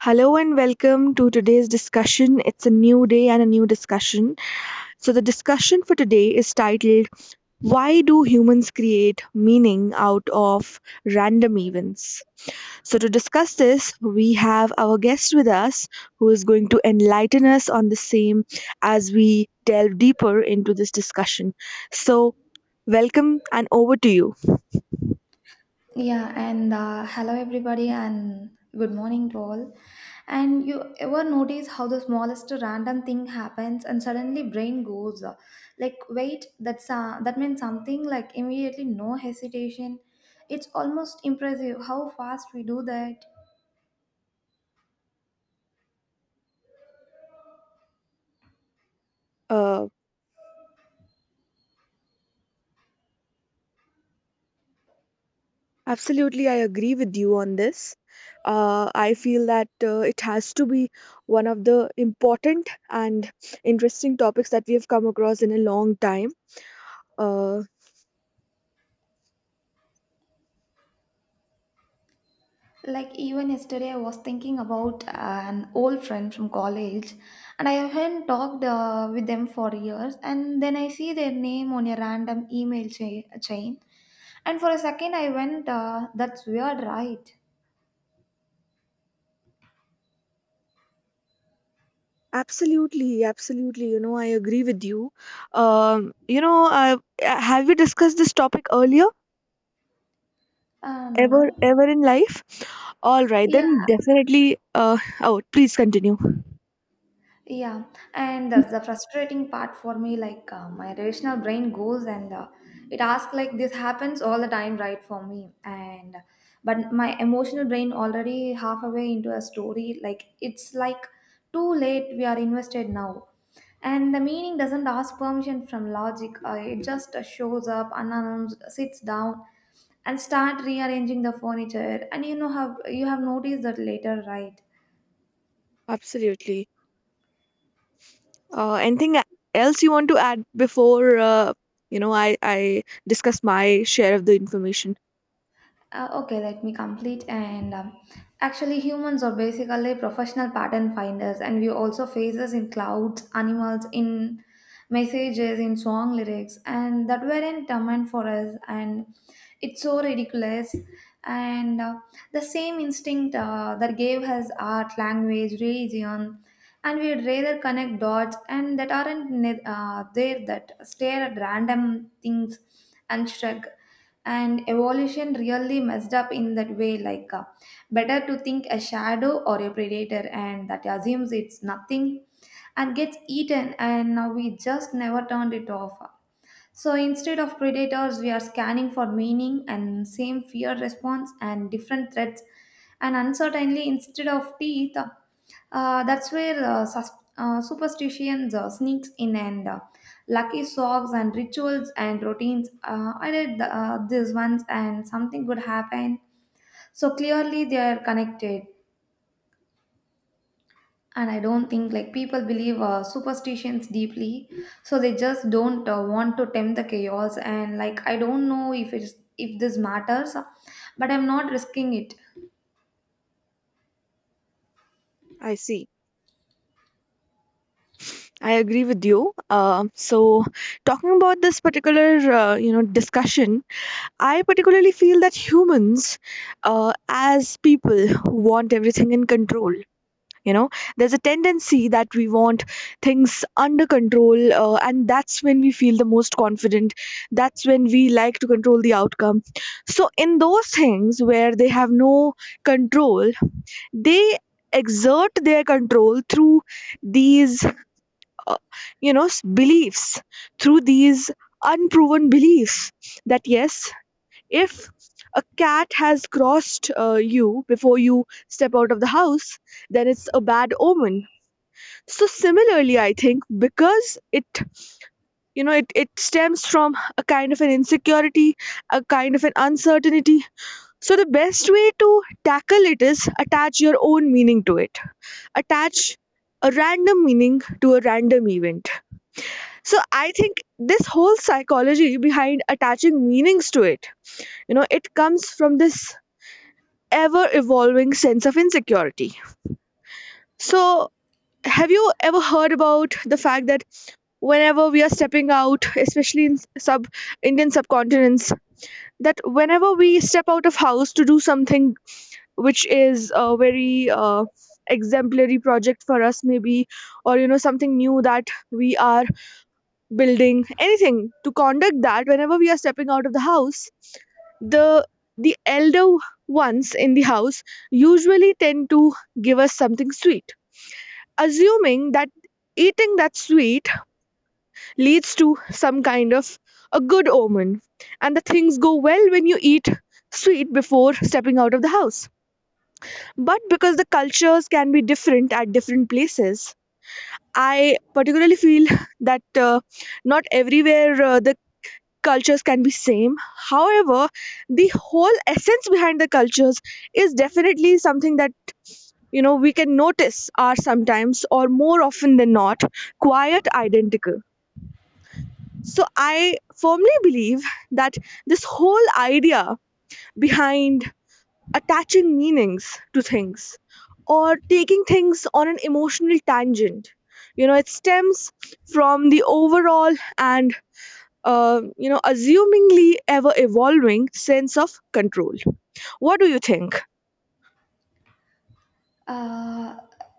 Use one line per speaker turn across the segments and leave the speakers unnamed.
Hello and welcome to today's discussion. It's a new day and a new discussion. So, the discussion for today is titled Why Do Humans Create Meaning Out of Random Events? So, to discuss this, we have our guest with us who is going to enlighten us on the same as we delve deeper into this discussion. So, welcome and over to you.
Yeah, and hello everybody, and good morning to all. And you ever notice how the smallest random thing happens and suddenly brain goes like, wait, that means something like immediately, no hesitation. It's almost impressive how fast we do that.
Uh, Absolutely, I agree with you on this. I feel that it has to be one of the important and interesting topics that we have come across in a long time. Uh,
Like even yesterday, I was thinking about an old friend from college, and I haven't talked with them for years. And then I see their name on a random email chain, and for a second, I went, "That's weird, right?"
Absolutely, absolutely. You know, I agree with you. Um, you know, uh, have we discussed this topic earlier? Ever,
No.
ever in life? All right,
Yeah.
then definitely. Oh, please continue.
Yeah, and that's the frustrating part for me. My rational brain goes and it asks like this happens all the time, right? For me, and but my emotional brain already half away into a story. Like it's like too late. We are invested now, and the meaning doesn't ask permission from logic. It just shows up unannounced, sits down, and start rearranging the furniture. And you know how you have noticed that later, right?
Absolutely. Anything else you want to add before I discuss my share of the information?
Okay, let me complete. And Actually, humans are basically professional pattern finders, and we also faces in clouds, animals, in messages, in song lyrics, and that weren't meant for us. And it's so ridiculous. And the same instinct that gave us art, language, religion, and we'd rather connect dots, and that aren't there that stare at random things and shrug and evolution really messed up in that way like better to think a shadow or a predator and that assumes it's nothing and gets eaten and now we just never turned it off. So instead of predators, we are scanning for meaning and same fear response and different threats and uncertainly instead of teeth. That's where superstitions sneaks in and lucky socks and rituals and routines. I did these ones and something good happen. So clearly they are connected and I don't think like people believe superstitions deeply so they just don't want to tempt the chaos and like I don't know if it's if this matters but I'm not risking it.
I see. I agree with you. So, talking about this particular discussion, I particularly feel that humans, as people, want everything in control. You know, there's a tendency that we want things under control, and that's when we feel the most confident. That's when we like to control the outcome. So, in those things where they have no control, they exert their control through these uh, beliefs, through these unproven beliefs that, yes, if a cat has crossed you before you step out of the house, then it's a bad omen. So similarly, I think because it you know it, it stems from a kind of an insecurity, a kind of an uncertainty. So the best way to tackle it is attach your own meaning to it, attach a random meaning to a random event. So I think this whole psychology behind attaching meanings to it, it comes from this ever evolving sense of insecurity. So have you ever heard about the fact that whenever we are stepping out, especially in sub Indian subcontinents, that whenever we step out of house to do something which is a very exemplary project for us, maybe, or something new that we are building, anything to conduct, that whenever we are stepping out of the house, the the elder ones in the house usually tend to give us something sweet, assuming that eating that sweet leads to some kind of a good omen and the things go well when you eat sweet before stepping out of the house. But because the cultures can be different at different places, I particularly feel that not everywhere the cultures can be same, however the whole essence behind the cultures is definitely something that we can notice are sometimes or more often than not quite identical. So I firmly believe that this whole idea behind attaching meanings to things or taking things on an emotional tangent, it stems from the overall and assumingly ever evolving sense of control. What do you think?
Uh,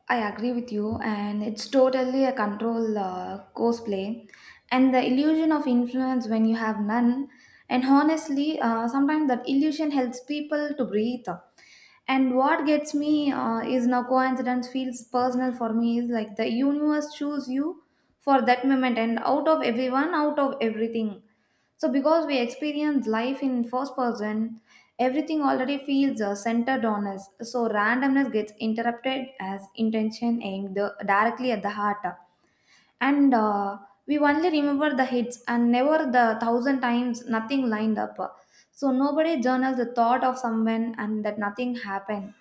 I agree with you, and it's totally a control cosplay, and the illusion of influence when you have none. And honestly, sometimes that illusion helps people to breathe. And what gets me is now coincidence feels personal for me is like the universe chose you for that moment, and out of everyone, out of everything. So, because we experience life in first person, everything already feels centered on us. So, randomness gets interrupted as intention aimed directly at the heart. And We only remember the hits and never the thousand times nothing lined up. So, nobody journals the thought of someone and that nothing happened.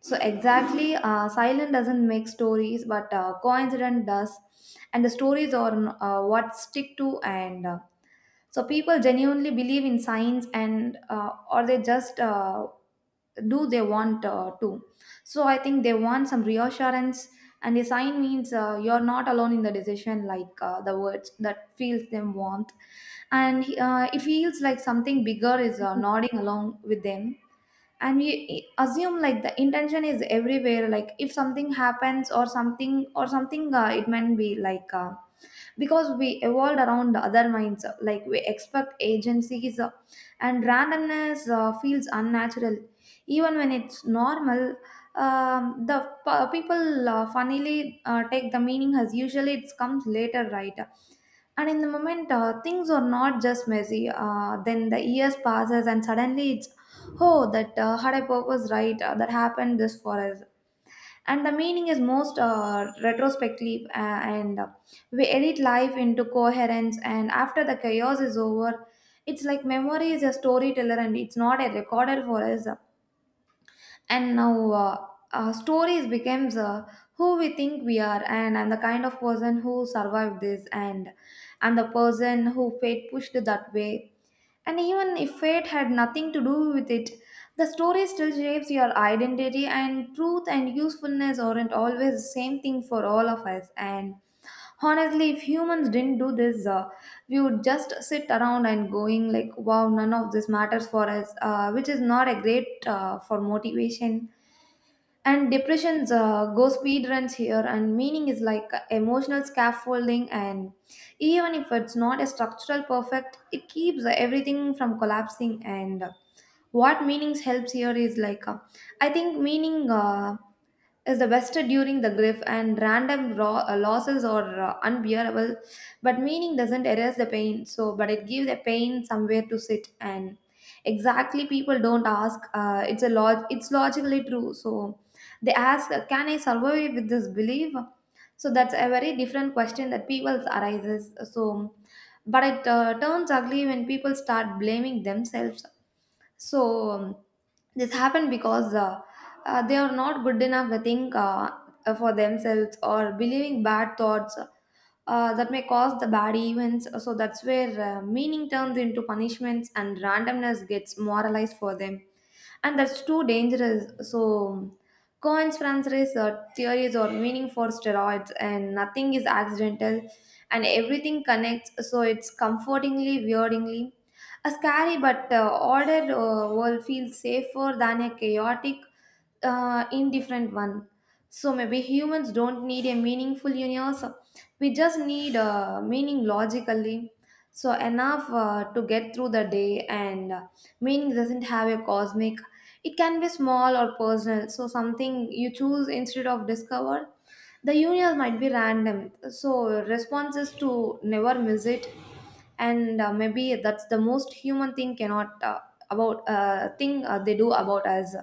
So, exactly, silent doesn't make stories, but coincidence does. And the stories are what stick to and So people genuinely believe in science and or they just do they want to. So I think they want some reassurance and a sign means you're not alone in the decision like the words that feels them warmth and it feels like something bigger is nodding along with them and we assume like the intention is everywhere like if something happens or something, it might be like because we evolved around other minds like we expect agencies, and randomness feels unnatural even when it's normal. um, the People funnily take the meaning as usually it comes later, right? And in the moment things are not just messy. Then the years passes and suddenly it's, oh, that had a purpose, right? That happened this for us, and the meaning is most retrospective, and we edit life into coherence and after the chaos is over it's like memory is a storyteller and it's not a recorder for us. And now uh, uh, stories becomes who we think we are, and I'm the kind of person who survived this, and I'm the person who fate pushed that way. And even if fate had nothing to do with it, the story still shapes your identity, and truth and usefulness aren't always the same thing for all of us. And honestly, if humans didn't do this, we would just sit around and going like, "Wow, none of this matters for us," which is not a great for motivation and depressions go speed runs here, and meaning is like emotional scaffolding, and even if it's not a structural perfect it keeps everything from collapsing. And what meanings helps here is like, I think meaning is the best during the grief, and random raw, losses are unbearable, but meaning doesn't erase the pain so but it gives the pain somewhere to sit. And exactly, people don't ask, it's logically true, so they ask, can I survive with this belief? So that's a very different question that people arises. So but it turns ugly when people start blaming themselves. so um, this happened because they are not good enough to think, for themselves, or believing bad thoughts that may cause the bad events. So that's where meaning turns into punishments and randomness gets moralized for them, and that's too dangerous. So, conspiracy theories are meaning for steroids, and nothing is accidental, and everything connects. So it's comfortingly, weirdingly, a scary but ordered world feels safer than a chaotic, indifferent one. So maybe humans don't need a meaningful universe. We just need meaning logically so enough to get through the day, and meaning doesn't have a cosmic. It can be small or personal. So something you choose instead of discover. The universe might be random. So response is to never miss it, and maybe that's the most human thing cannot about thing they do about us,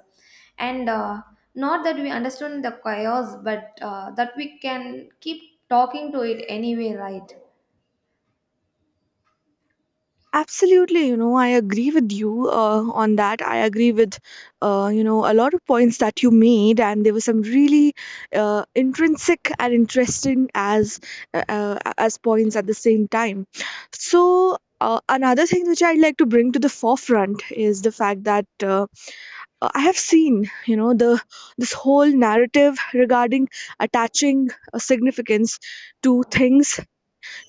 and not that we understand the chaos, but that we can keep talking to it anyway, right?
Absolutely, you know, I agree with you on that. I agree with, a lot of points that you made, and there were some really intrinsic and interesting as points at the same time. So. Another thing which I'd like to bring to the forefront is the fact that I have seen, you know, the this whole narrative regarding attaching a significance to things,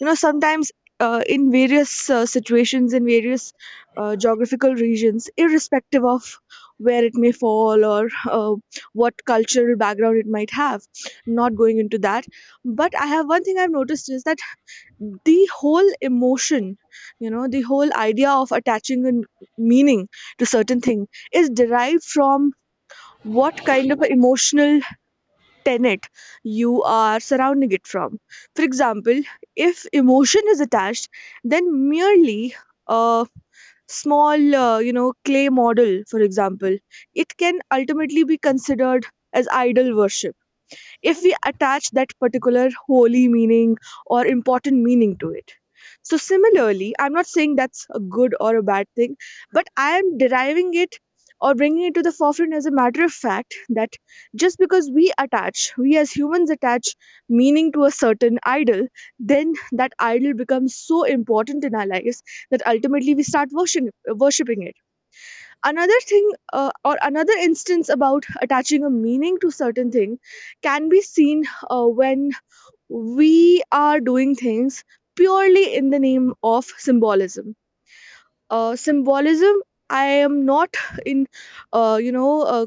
you know, sometimes in various situations, in various geographical regions, irrespective of where it may fall or uh, what cultural background it might have, not going into that. But I have one thing I've noticed is that the whole emotion, you know, the whole idea of attaching meaning to certain thing is derived from what kind of a emotional tenet you are surrounding it from. For example, if emotion is attached, then merely a small, clay model, for example, it can ultimately be considered as idol worship if we attach that particular holy meaning or important meaning to it. So, similarly, I'm not saying that's a good or a bad thing, but I am deriving it or bringing it to the forefront as a matter of fact that just because we attach, we as humans attach meaning to a certain idol, then that idol becomes so important in our lives that ultimately we start worshiping it. Another thing, or another instance about attaching a meaning to certain thing, can be seen when we are doing things purely in the name of symbolism, symbolism. I am not in uh, you know uh,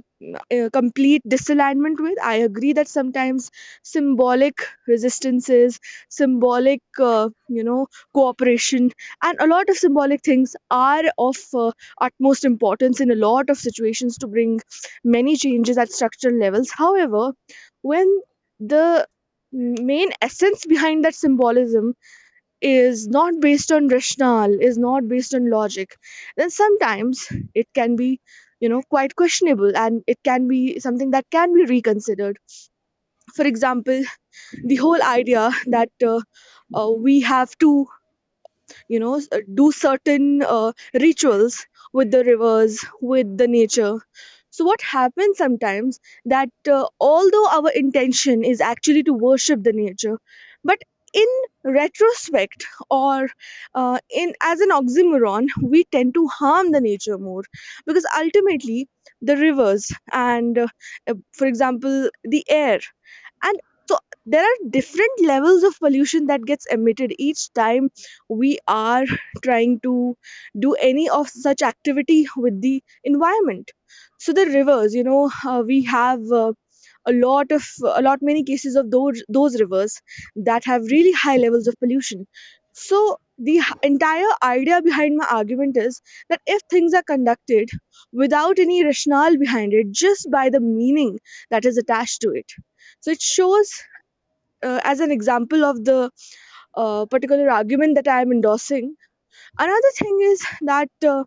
complete disalignment with. I agree that sometimes symbolic resistances, symbolic uh, you know cooperation, and a lot of symbolic things are of utmost importance in a lot of situations to bring many changes at structural levels. However, when the main essence behind that symbolism is not based on rationale, is not based on logic, then sometimes it can be, you know, quite questionable, and it can be something that can be reconsidered. For example, the whole idea that we have to do certain rituals with the rivers, with the nature. So what happens sometimes, that although our intention is actually to worship the nature, but in retrospect, or in as an oxymoron, we tend to harm the nature more, because ultimately the rivers and, for example, the air, and so there are different levels of pollution that gets emitted each time we are trying to do any of such activity with the environment. So the rivers, you know, we have a lot of a lot many cases of those rivers that have really high levels of pollution. So entire idea behind my argument is that if things are conducted without any rationale behind it, just by the meaning that is attached to it, so it shows as an example of the particular argument that I am endorsing. Another thing is that, uh,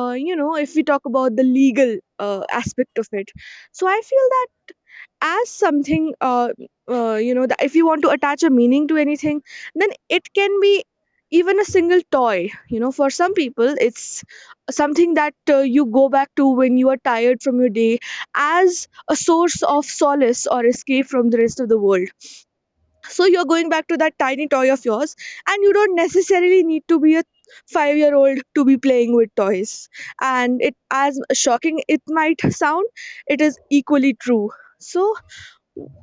uh, you know if we talk about the legal aspect of it, so I feel as something, that if you want to attach a meaning to anything, then it can be even a single toy. You know, for some people, it's something that you go back to when you are tired from your day as a source of solace or escape from the rest of the world. So you're going back to that tiny toy of yours, and you don't necessarily need to be a 5-year-old year old to be playing with toys. And it, as shocking it might sound, it is equally true. So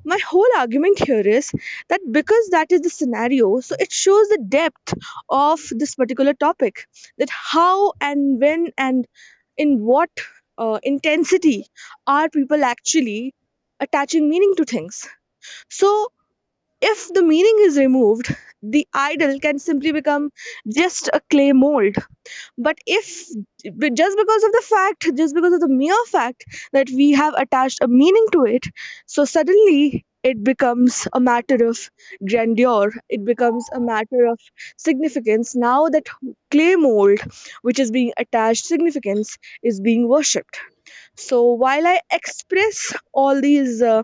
my whole argument here is that because that is the scenario, so it shows the depth of this particular topic, that how and when and in what intensity are people actually attaching meaning to things. So if the meaning is removed, the idol can simply become just a clay mold. But if but just because of the fact, just because of the mere fact that we have attached a meaning to it, so suddenly it becomes a matter of grandeur, it becomes a matter of significance. Now that clay mold, which is being attached significance, is being worshipped. So while I express all these uh,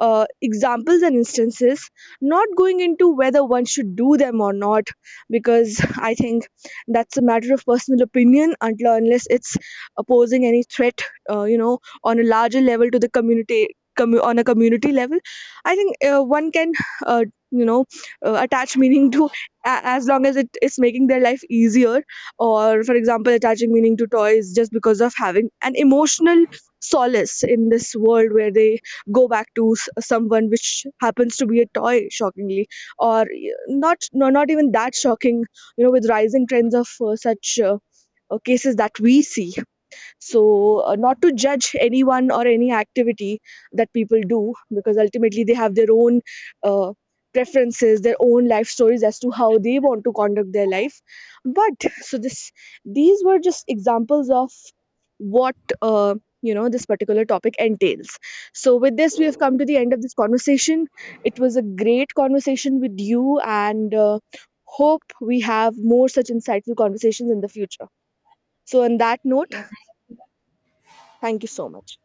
uh, examples and instances, not going into whether one should do them or not, because I think that's a matter of personal opinion until or unless it's opposing any threat, uh, you know, on a larger level to the community. Commu On a community level, I think one can, uh, you know, attach meaning to as long as it is making their life easier, or for example attaching meaning to toys just because of having an emotional solace in this world where they go back to someone which happens to be a toy, shockingly, or not, no, not even that shocking, you know, with rising trends of such cases that we see. So, not to judge anyone or any activity that people do, because ultimately they have their own uh, preferences, their own life stories as to how they want to conduct their life. But so these were just examples of what uh, this particular topic entails. So, with this, we have come to the end of this conversation. It was a great conversation with you, and hope we have more such insightful conversations in the future. So, on that note,
Yeah,
thank you so much.